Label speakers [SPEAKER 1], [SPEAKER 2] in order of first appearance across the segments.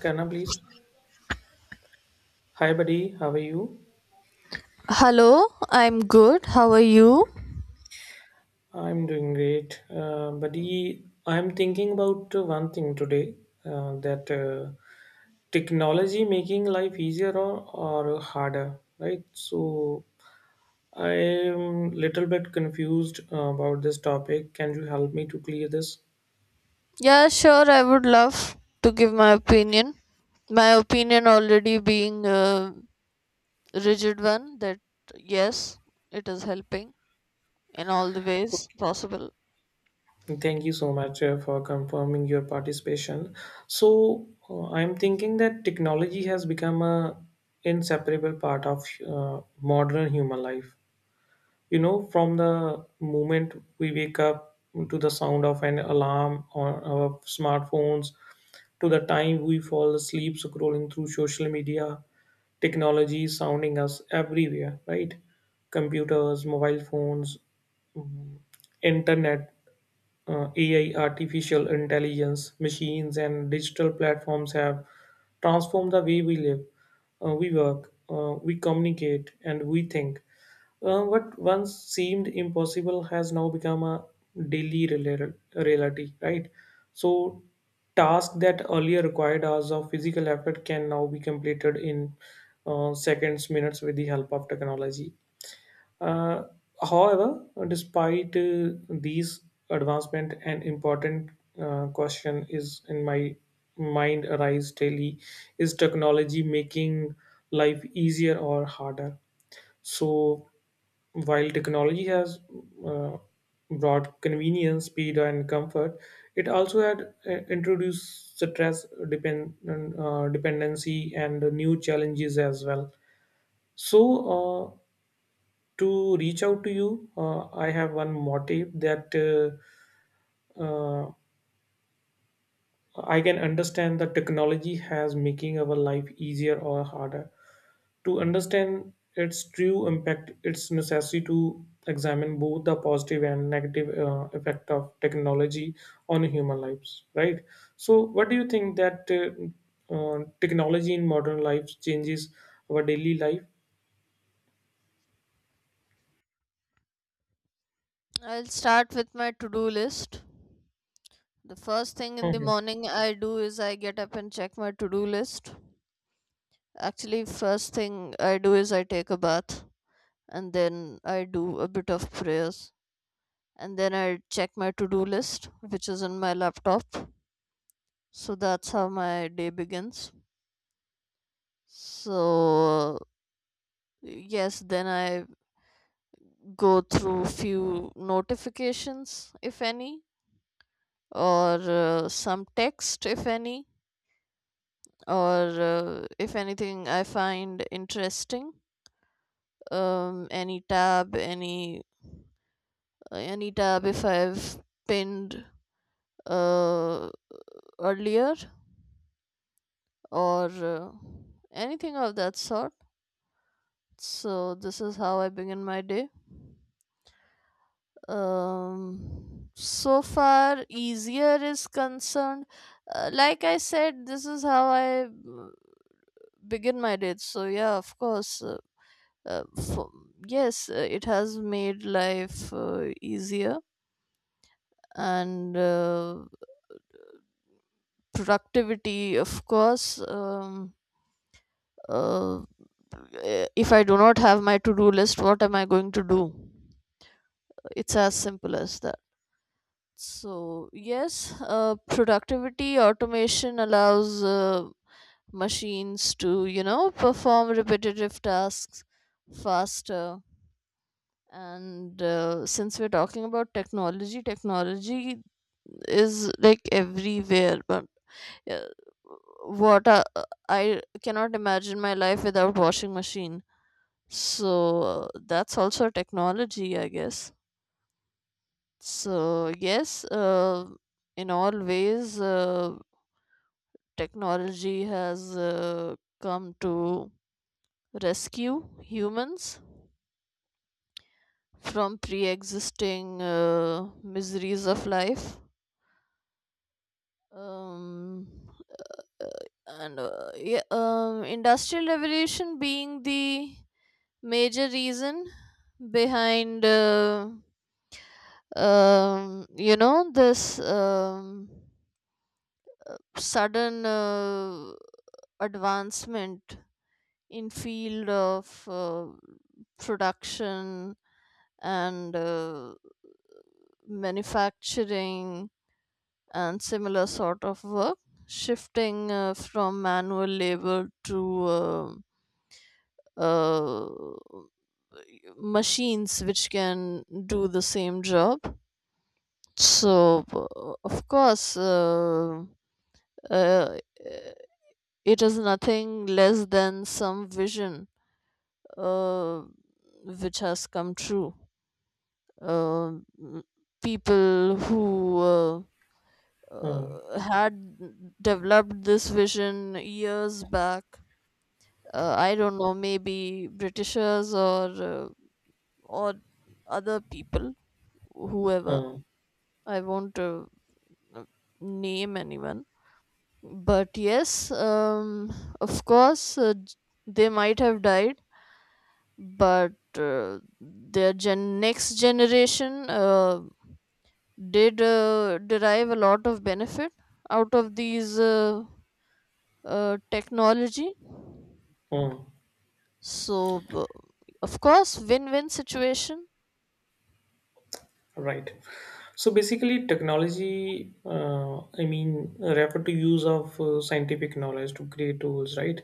[SPEAKER 1] Can I please? Hi, buddy. How are you?
[SPEAKER 2] Hello, I'm good. How are you?
[SPEAKER 1] I'm doing great. Buddy, I'm thinking about one thing today, that technology making life easier or harder, right? So I'm little bit confused about this topic. Can you help me to clear this?
[SPEAKER 2] Yeah, sure. I would love to give my opinion. My opinion already being a rigid one that yes, it is helping in all the ways possible.
[SPEAKER 1] Thank you so much for confirming your participation. So I'm thinking that technology has become a inseparable part of modern human life, you know, from the moment we wake up to the sound of an alarm on our smartphones to the time we fall asleep scrolling through social media. Technology is sounding us everywhere, right? Computers, mobile phones, mm, Internet, AI, artificial intelligence, machines, and digital platforms have transformed the way we live, we work, we communicate, and we think. What once seemed impossible has now become a daily reality, right? So, tasks that earlier required hours of physical effort can now be completed in seconds, minutes with the help of technology. Uh, however, despite these advancement, an important question is in my mind arise daily: Is technology making life easier or harder? So, while technology has uh, brought convenience, speed, and comfort, it also had introduced stress, dependency, and new challenges as well. So. Uh, to reach out to you, I have one motive that uh, I can understand that technology has making our life easier or harder. To understand its true impact, it's necessary to examine both the positive and negative effect of technology on human lives. Right. So, what do you think that technology in modern life changes our daily life?
[SPEAKER 2] I'll start with my to do list. The first thing in the
[SPEAKER 1] Hmm,
[SPEAKER 2] morning I do is I get up and check my to do list. Actually, first thing I do is I take a bath and then I do a bit of prayers and then I check my to do list, which is in my laptop. So that's how my day begins. So yes, then I go through few notifications, if any, or some text, if any, or if anything I find interesting. Any tab, any tab if I've pinned uh, earlier or anything of that sort. So this is how I begin my day. So far easier is concerned, like I said, this is how I begin my day. So yeah, of course, uh, for, yes, it has made life easier. And productivity, of course. Uh, if I do not have my to do list, what am I going to do? It's as simple as that. So yes, productivity automation allows machines to, you know, perform repetitive tasks faster. And since we're talking about technology, is like everywhere. But uh, what I, I cannot imagine my life without washing machine. So that's also technology, I guess. So yes, in all ways, technology has come to rescue humans from pre existing miseries of life. Um, and Yeah, Industrial Revolution being the major reason behind, you know, this, sudden advancement in field of production and manufacturing and similar sort of work, shifting from manual labor to uh, uh, machines which can do the same job. So, uh, it is nothing less than some vision uh, which has come true. Uh, m- People who
[SPEAKER 1] hmm,
[SPEAKER 2] had developed this vision years back. I don't know, maybe Britishers or other people, whoever.
[SPEAKER 1] hmm,
[SPEAKER 2] I won't uh, name anyone, but yes, of course, they might have died, but their next generation did derive a lot of benefit out of these technology.
[SPEAKER 1] hmm, hmm.
[SPEAKER 2] So, of course, win-win situation.
[SPEAKER 1] Right. So basically, technology, I mean, refer to use of scientific knowledge to create tools, right?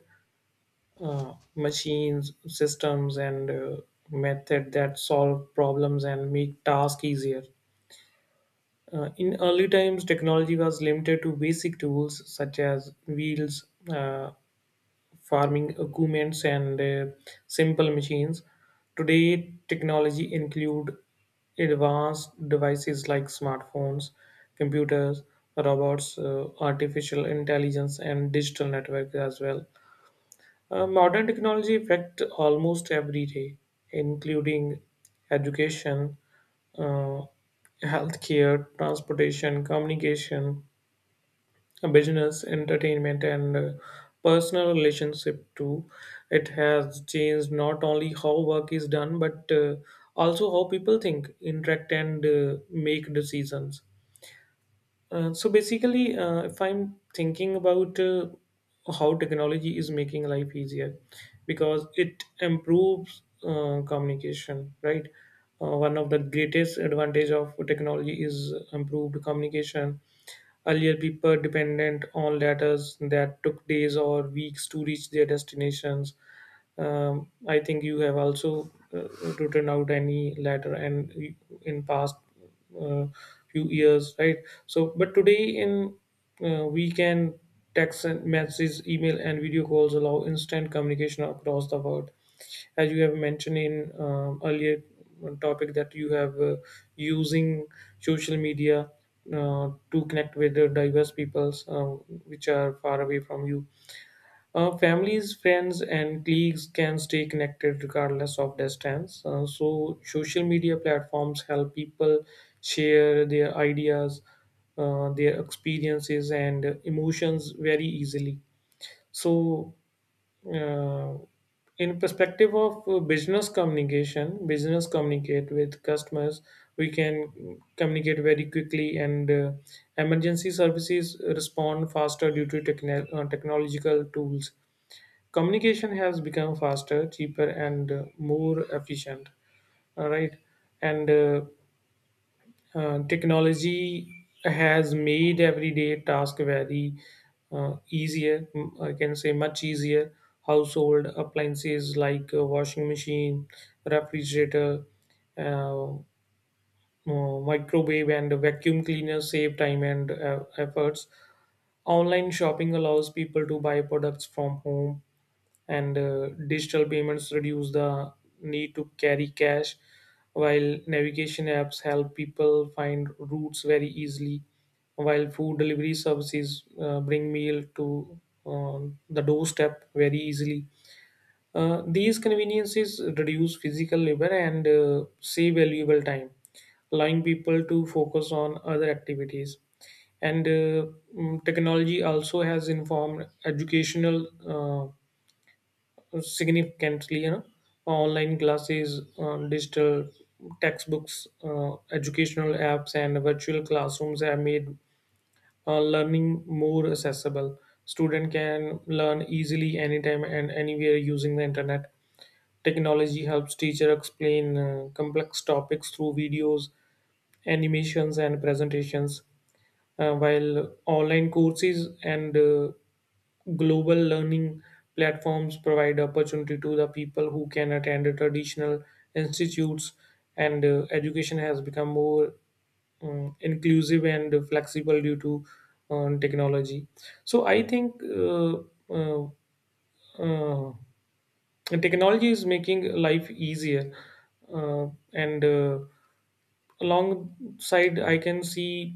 [SPEAKER 1] Machines, systems, and method that solve problems and make tasks easier. In early times, technology was limited to basic tools such as wheels, farming equipments and simple machines. Today, technology include advanced devices like smartphones, computers, robots, artificial intelligence, and digital network as well. Modern technology affect almost every day, including education, uh, healthcare, transportation, communication, business, entertainment, and personal relationship too. It has changed not only how work is done but also how people think, interact, and make decisions. So basically, if I'm thinking about how technology is making life easier, because it improves communication, right? One of the greatest advantage of technology is improved communication. Earlier, people depended on letters that took days or weeks to reach their destinations. I think you have also written out any letter and in past uh, few years, right? So, but today in, we can text and messages, email, and video calls allow instant communication across the world, as you have mentioned in earlier topic that you have using social media to connect with the diverse peoples which are far away from you. Families, friends, and colleagues can stay connected regardless of distance. So social media platforms help people share their ideas, their experiences and emotions very easily. so uh, in perspective of business communication, business communicate with customers, we can communicate very quickly, and emergency services respond faster due to technological tools. Communication has become faster, cheaper, and more efficient, all right? and Technology has made everyday task very easier. I can say much easier. Household appliances like a washing machine, refrigerator, uh, microwave, and vacuum cleaner save time and efforts. Online shopping allows people to buy products from home, and digital payments reduce the need to carry cash, while navigation apps help people find routes very easily, while food delivery services bring meal to uh, the doorstep very easily. These conveniences reduce physical labor and save valuable time, allowing people to focus on other activities. and uh, Technology also has informed educational significantly, you know. Online classes, digital textbooks, educational apps, and virtual classrooms have made learning more accessible. Student can learn easily anytime and anywhere using the internet. Technology helps teacher explain complex topics through videos, animations, and presentations, while online courses and global learning platforms provide opportunity to the people who can attend traditional institutes. And Education has become more inclusive and flexible due to technology. So I think uh, uh, Technology is making life easier, uh, and alongside. I can see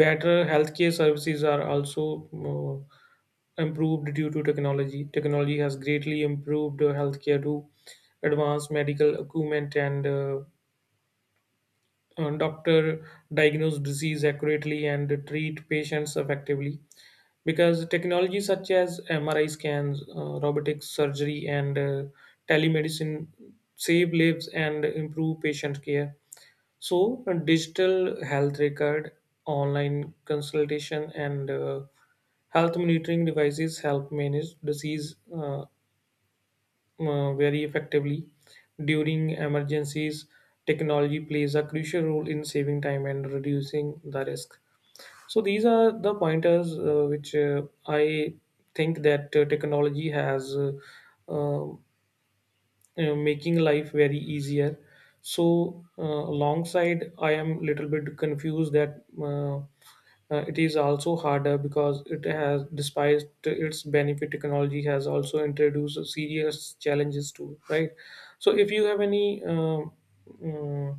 [SPEAKER 1] better healthcare services are also improved due to technology. Technology has greatly improved healthcare to advanced medical equipment, and doctor diagnose disease accurately and treat patients effectively, because technology such as MRI scans, robotic surgery, and telemedicine save lives and improve patient care. So, a digital health record, online consultation, and health monitoring devices help manage disease very effectively. During emergencies, technology plays a crucial role in saving time and reducing the risk. So, these are the pointers which I think that technology has uh, making life very easier. Alongside, I am little bit confused that it is also harder because it has, despite its benefit, technology has also introduced serious challenges too, right? So if you have any uh,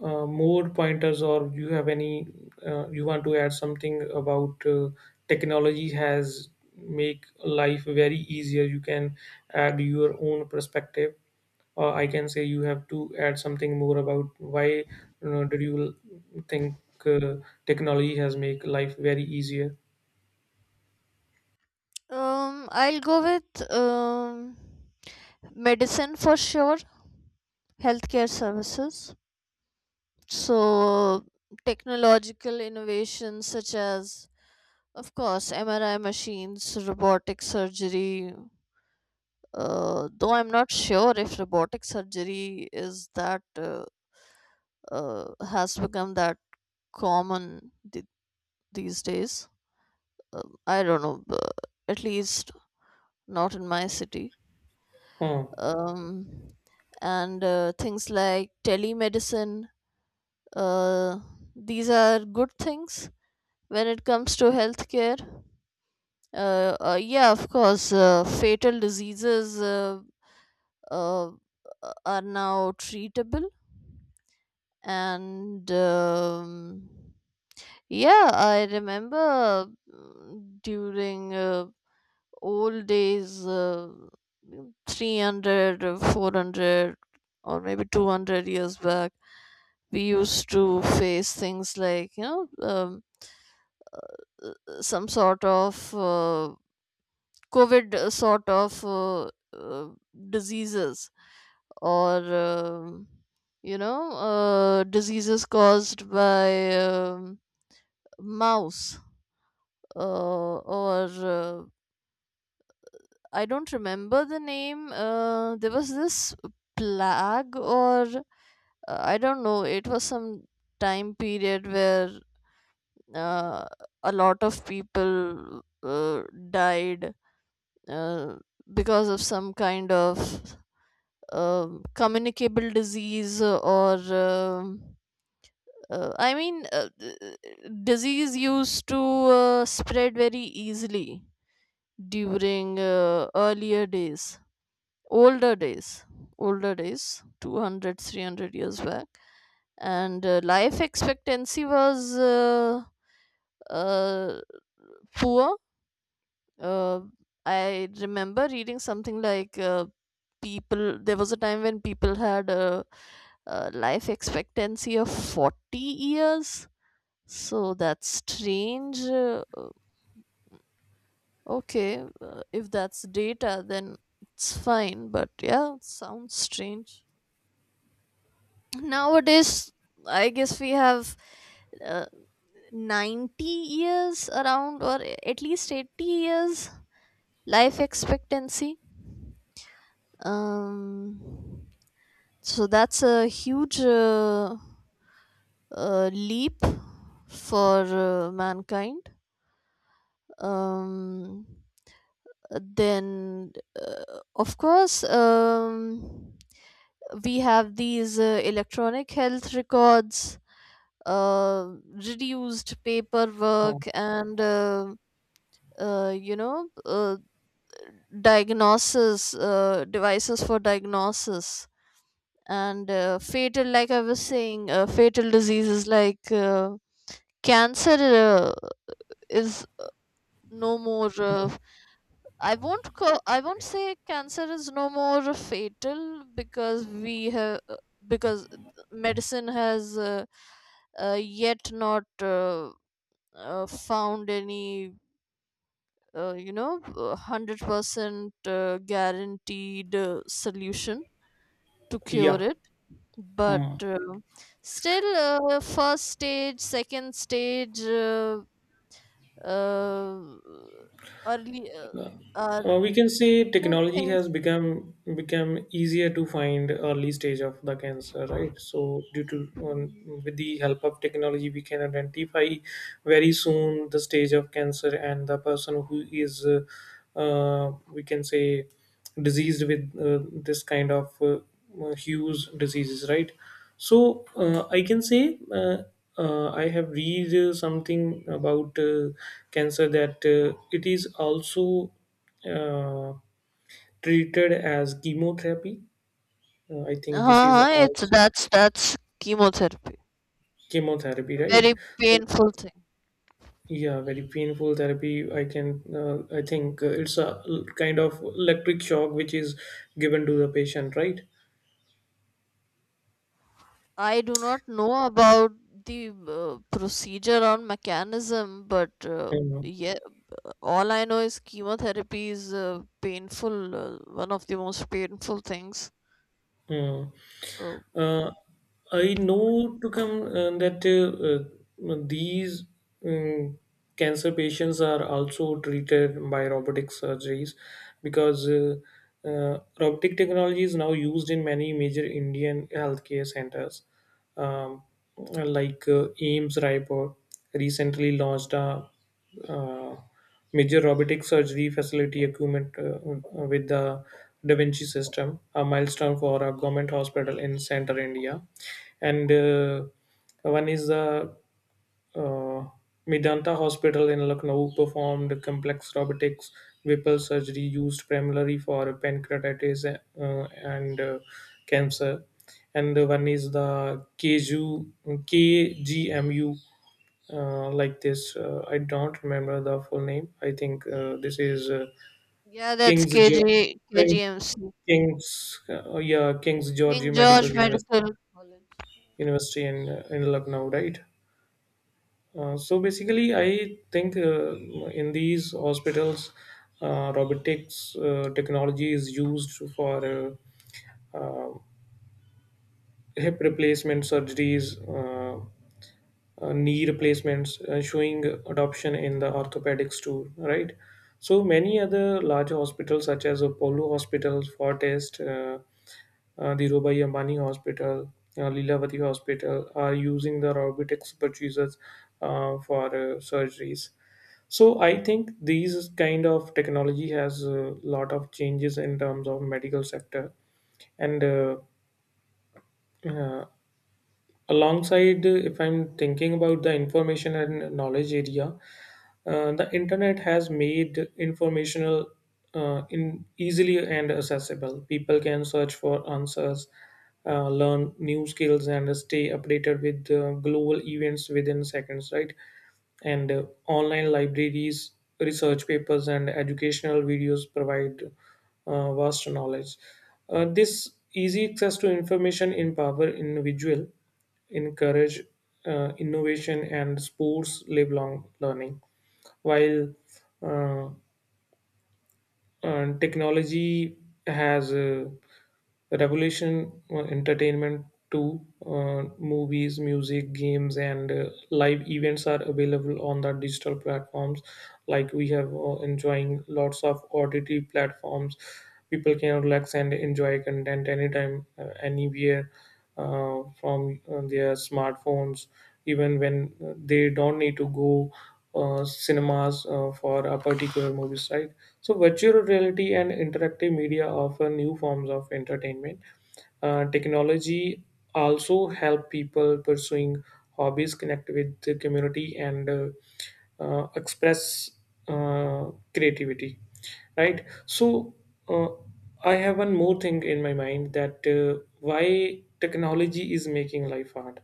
[SPEAKER 1] more pointers, or you have any, you want to add something about technology has make life very easier, you can add your own perspective. I can say you have to add something more about why did you think uh, technology has make life very easier?
[SPEAKER 2] I'll go with medicine for sure, healthcare services. So, technological innovations such as, of course, MRI machines, robotic surgery. Though I'm not sure if robotic surgery is that has become that common these days. Uh, I don't know. At least not in my city.
[SPEAKER 1] Huh.
[SPEAKER 2] Um, and Things like telemedicine, uh, these are good things when it comes to healthcare. Yeah, of course, fatal diseases uh, are now treatable. And yeah, I remember during old days, 300 or 400 or maybe 200 years back, we used to face things like, you know, some sort of covid sort of uh, diseases. Or You know, diseases caused by, mouse, uh, or I don't remember the name. There was this plague, or I don't know. It was some time period where uh, a lot of people died uh, because of some kind of communicable disease or. um I mean, disease used to spread very easily during earlier days, older days older days, 200, 300 years back. And life expectancy was uh, poor. uh, I remember reading something like people, there was a time when people had a life expectancy of 40 years. So that's strange. Okay, if that's data, then it's fine, but yeah, sounds strange. Nowadays, I guess we have uh, 90 years around, or at least 80 years life expectancy. Um, so that's a huge leap for mankind. Um, then, of course, we have these electronic health records, uh, reduced
[SPEAKER 1] Huh.
[SPEAKER 2] paperwork, and you know, diagnosis, devices for diagnosis. And fatal, like I was saying, fatal diseases like, cancer is no more, I won't say cancer is no more fatal, because we have, because medicine has uh, yet not found any you know, 100% guaranteed solution to cure
[SPEAKER 1] Yeah.
[SPEAKER 2] it. But
[SPEAKER 1] Hmm.
[SPEAKER 2] still first stage, second stage, uh, early are you
[SPEAKER 1] We can say
[SPEAKER 2] know,
[SPEAKER 1] technology has
[SPEAKER 2] things.
[SPEAKER 1] become become easier to find early stage of the cancer, right? So due to um,
[SPEAKER 2] Mhm.
[SPEAKER 1] with the help of technology, we can identify very soon the stage of cancer and the person who is, we can say, diseased with this kind of huge diseases, right? So I can say, I have read something about cancer that it is also uh, treated as chemotherapy. I think this is
[SPEAKER 2] Uh-huh,
[SPEAKER 1] all
[SPEAKER 2] it's that's chemotherapy,
[SPEAKER 1] chemotherapy,
[SPEAKER 2] a very
[SPEAKER 1] right? So
[SPEAKER 2] painful thing.
[SPEAKER 1] yeah, very painful therapy. I can I think it's a kind of electric shock which is given to the patient, right?
[SPEAKER 2] I do not know about the procedure or mechanism, but
[SPEAKER 1] Hmm.
[SPEAKER 2] yeah, all I know is chemotherapy is painful, one of the most painful things.
[SPEAKER 1] Mm.
[SPEAKER 2] So
[SPEAKER 1] Uh, I know to come that these um, cancer patients are also treated by robotic surgeries, because robotic technology is now used in many major Indian healthcare centers. Um, like AIMS Raipur recently launched a uh, major robotic surgery facility equipment with the Da Vinci system, a milestone for a government hospital in Central India. And one is the uh, Medanta Hospital in Lucknow performed complex robotics Whipple surgery used primarily for pancreatitis and cancer. And one is the KGU, KGMU like this. I don't remember the full name. I think this is
[SPEAKER 2] yeah, that's
[SPEAKER 1] King's
[SPEAKER 2] KJ
[SPEAKER 1] Geo- King,
[SPEAKER 2] KGMC,
[SPEAKER 1] King's yeah King's
[SPEAKER 2] King
[SPEAKER 1] George Medical
[SPEAKER 2] George
[SPEAKER 1] University
[SPEAKER 2] Medical College.
[SPEAKER 1] University in Lucknow, right? So basically, I think in these hospitals, robotics technology is used for uh, uh, hip replacement surgeries. Knee replacements, showing adoption in the orthopedics too, right? So many other larger hospitals such as Apollo Hospital, Fortis, the Rubai Ambani Hospital, Leelavati Hospital are using the robotics procedures for surgeries. So I think these kind of technology has a lot of changes in terms of medical sector. And uh, Alongside, if I'm thinking about the information and knowledge area, the internet has made informational in easily and accessible. People can search for answers, learn new skills, and stay updated with global events within seconds, right? And online libraries, research papers, and educational videos provide vast knowledge. This easy access to information empower individual, encourage innovation, and sports lifelong learning, while uh, and technology has revolution entertainment too. Movies, music, games, and live events are available on the digital platforms, like we have enjoying lots of OTT platforms. People can relax and enjoy content anytime, anywhere, from their smartphones, even when they don't need to go cinemas for a particular movies, right? So virtual reality and interactive media offer new forms of entertainment. Technology also help people pursuing hobbies, connect with the community, and express creativity, right? So uh, I have one more thing in my mind, that why technology is making life hard.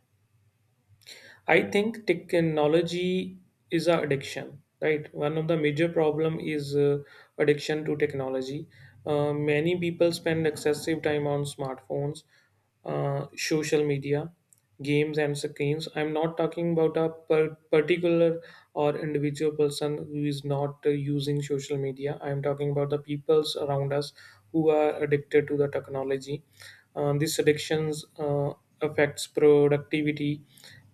[SPEAKER 1] I think technology is a addiction, right? One of the major problem is addiction to technology. Many people spend excessive time on smartphones, social media, games, and screens. I'm not talking about a particular or individual person who is not using social media. I'm talking about the peoples around us who are addicted to the technology. These addictions. Affects productivity,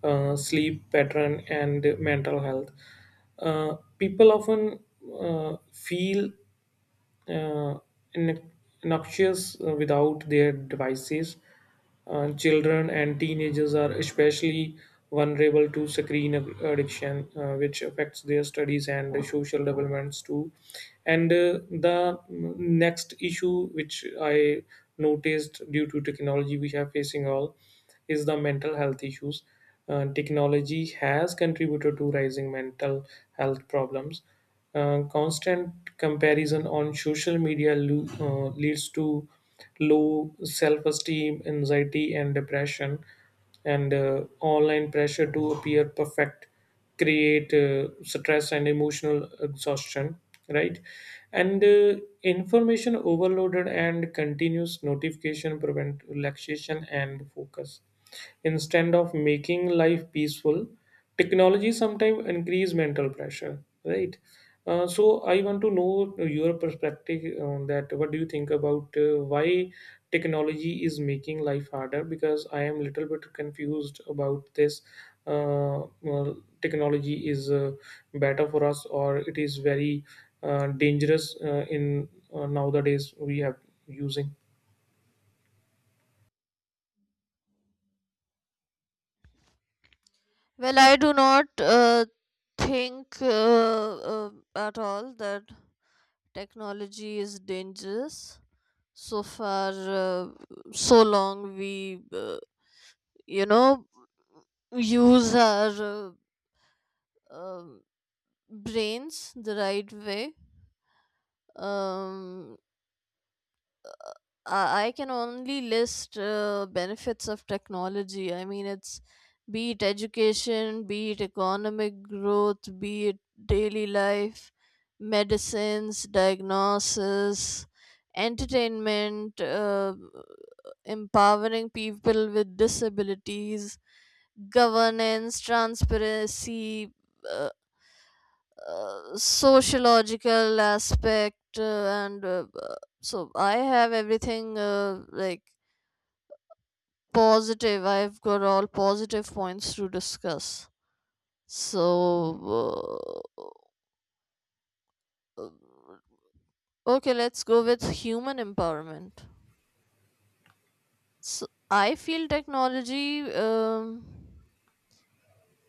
[SPEAKER 1] sleep pattern, and mental health. People often feel uh, nu- noxious without their devices. Children and teenagers are especially vulnerable to screen addiction, which affects their studies and their social developments too. And the next issue, which I noticed due to technology, we have facing all, is the mental health issues. Technology has contributed to rising mental health problems. Constant comparison on social media leads to low self esteem, anxiety, and depression, and online pressure to appear perfect create stress and emotional exhaustion, right? and Information overloaded and continuous notification prevent relaxation and focus. Instead of making life peaceful, technology sometimes increase mental pressure, right? So I want to know your perspective on that. What do you think about why technology is making life harder? Because I am little bit confused about this. Well, technology is better for us, or it is very dangerous in nowadays we have using.
[SPEAKER 2] Well, I do not think uh, at all that technology is dangerous. So far uh, so long we you know, use our uh, um brains the right way. um I can only list benefits of technology. I mean, it's, be it education, be it economic growth, be it daily life, medicines, diagnosis, entertainment, empowering people with disabilities, governance, transparency, uh, sociological aspect, and so I have everything like positive. I've got all positive points to discuss. So, uh, okay, let's go with human empowerment. So, I feel technology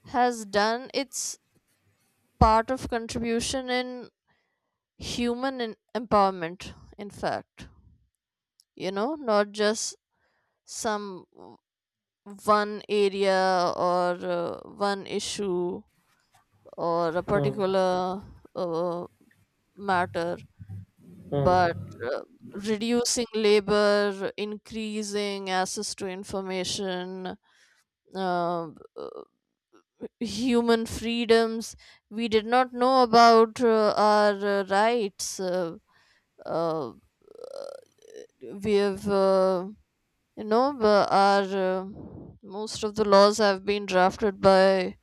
[SPEAKER 2] has done its part of contribution in human empowerment, in fact. You know, not just some one area or one issue or a
[SPEAKER 1] Uh,
[SPEAKER 2] particular uh, matter, but
[SPEAKER 1] uh,
[SPEAKER 2] uh, reducing labor, increasing access to information, um, uh, human freedoms. We did not know about our rights. Uh, we have, you know, our uh, most of the laws have been drafted by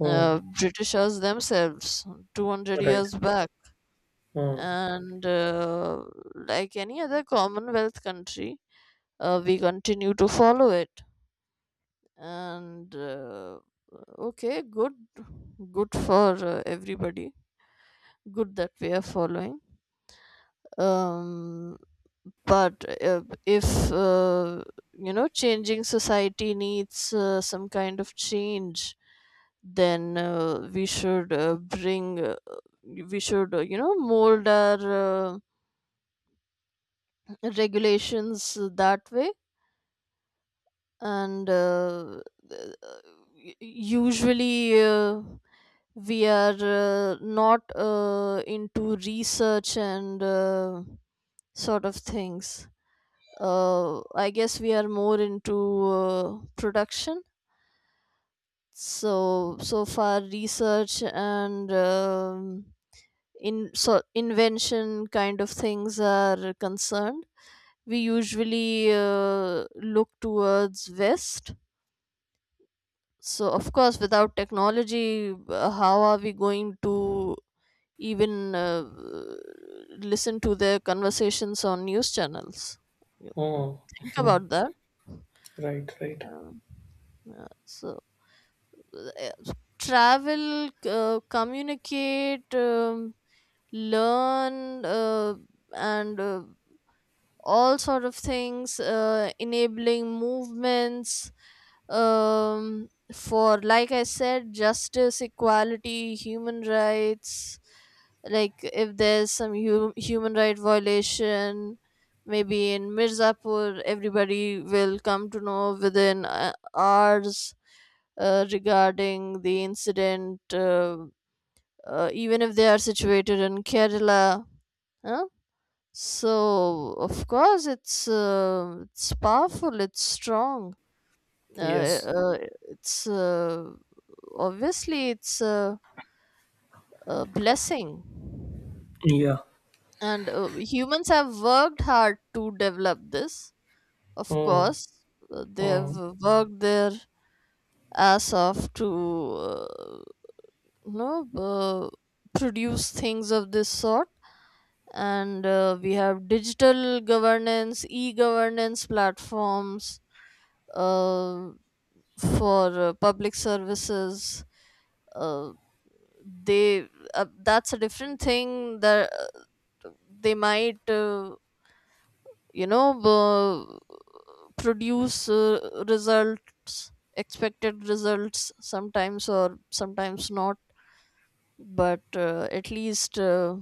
[SPEAKER 1] uh,
[SPEAKER 2] Britishers themselves 200
[SPEAKER 1] right.
[SPEAKER 2] years back.
[SPEAKER 1] Uh,
[SPEAKER 2] And like any other Commonwealth country, we continue to follow it, and okay, good, good for everybody, good that we are following. um but if you know, changing society needs some kind of change, then we should you know, mold our regulations that way. And usually we are not into research and sort of things. I guess we are more into production. So, so far, research and in so invention kind of things are concerned, we usually look towards West. So, of course, without technology, how are we going to even listen to their conversations on news channels? You- you
[SPEAKER 1] uh,
[SPEAKER 2] Think about that.
[SPEAKER 1] right. Right.
[SPEAKER 2] Um, uh, so, uh, Travel, communicate, learn, and all sort of things enabling movements, for, like I said, justice, equality, human rights. Like if there's some human right violation, maybe in Mirzapur, everybody will come to know within hours regarding the incident, even if they are situated in Kerala. Huh? So of course it's powerful. It's strong. Uh,
[SPEAKER 1] Yes.
[SPEAKER 2] uh, it's Obviously it's a blessing,
[SPEAKER 1] Yeah.
[SPEAKER 2] and humans have worked hard to develop this. Of
[SPEAKER 1] Uh,
[SPEAKER 2] course, they have
[SPEAKER 1] uh,
[SPEAKER 2] worked their ass off to you know, produce things of this sort. And we have digital governance, e-governance platforms uh, for public services. Uh, they That's a different thing that uh, they might, you know, produce results, expected results, sometimes or sometimes not. But at least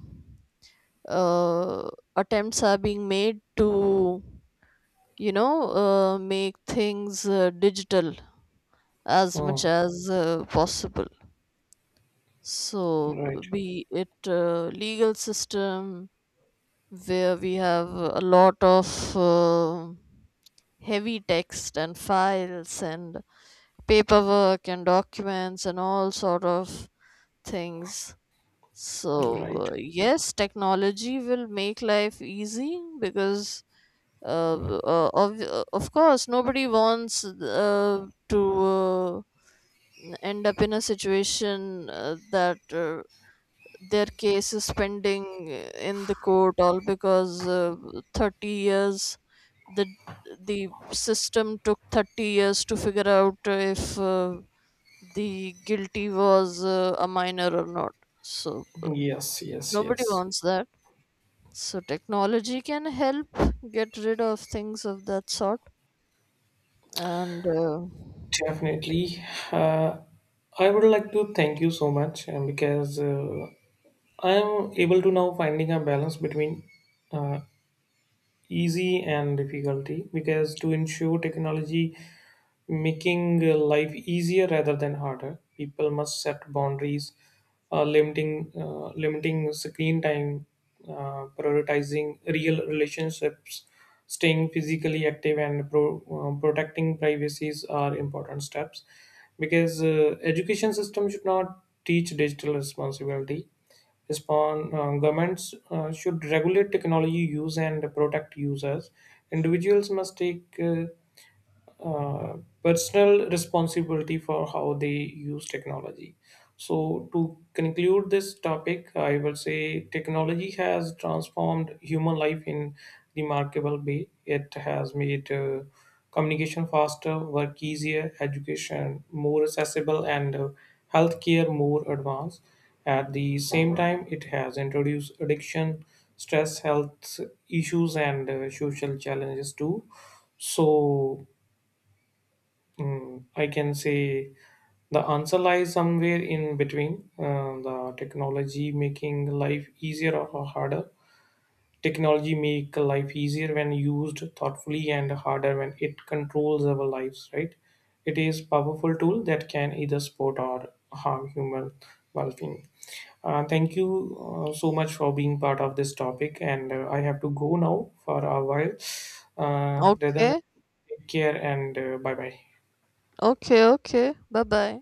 [SPEAKER 2] uh, attempts are being made to, you know, make things digital as
[SPEAKER 1] uh,
[SPEAKER 2] much as possible.
[SPEAKER 1] right.
[SPEAKER 2] So, be it legal system, where we have a lot of heavy text and files and paperwork and documents and all sort of things. So,
[SPEAKER 1] Right.
[SPEAKER 2] yes, technology will make life easy, because of course, nobody wants to end up in a situation that their case is pending in the court, all because 30 years, the the system took 30 years to figure out if the guilty was a minor or not. So
[SPEAKER 1] Yes, yes,
[SPEAKER 2] nobody
[SPEAKER 1] yes.
[SPEAKER 2] wants that. So technology can help get rid of things of that sort. And
[SPEAKER 1] Definitely. Uh, I would like to thank you so much because I am able to now finding a balance between uh, easy and difficulty, because to ensure technology making life easier rather than harder, people must set boundaries, limiting screen time, prioritizing real relationships, staying physically active, and protecting privacies are important steps, because education system should not teach digital responsibility, respond governments should regulate technology use and protect users. Individuals must take uh, personal responsibility for how they use technology. So to conclude this topic, I will say technology has transformed human life in remarkable way. It has made communication faster, work easier, education more accessible, and healthcare more advanced. At the same time, it has introduced addiction, stress, health issues, and social challenges too. So, I can say the answer lies somewhere in between, the technology making life easier or harder. Technology make life easier when used thoughtfully and harder when it controls our lives, right? It is powerful tool that can either support or harm human well-being. Thank you so much for being part of this topic, and I have to go now for a while. Rather than
[SPEAKER 2] okay,
[SPEAKER 1] take care and bye bye.
[SPEAKER 2] okay, okay, bye bye.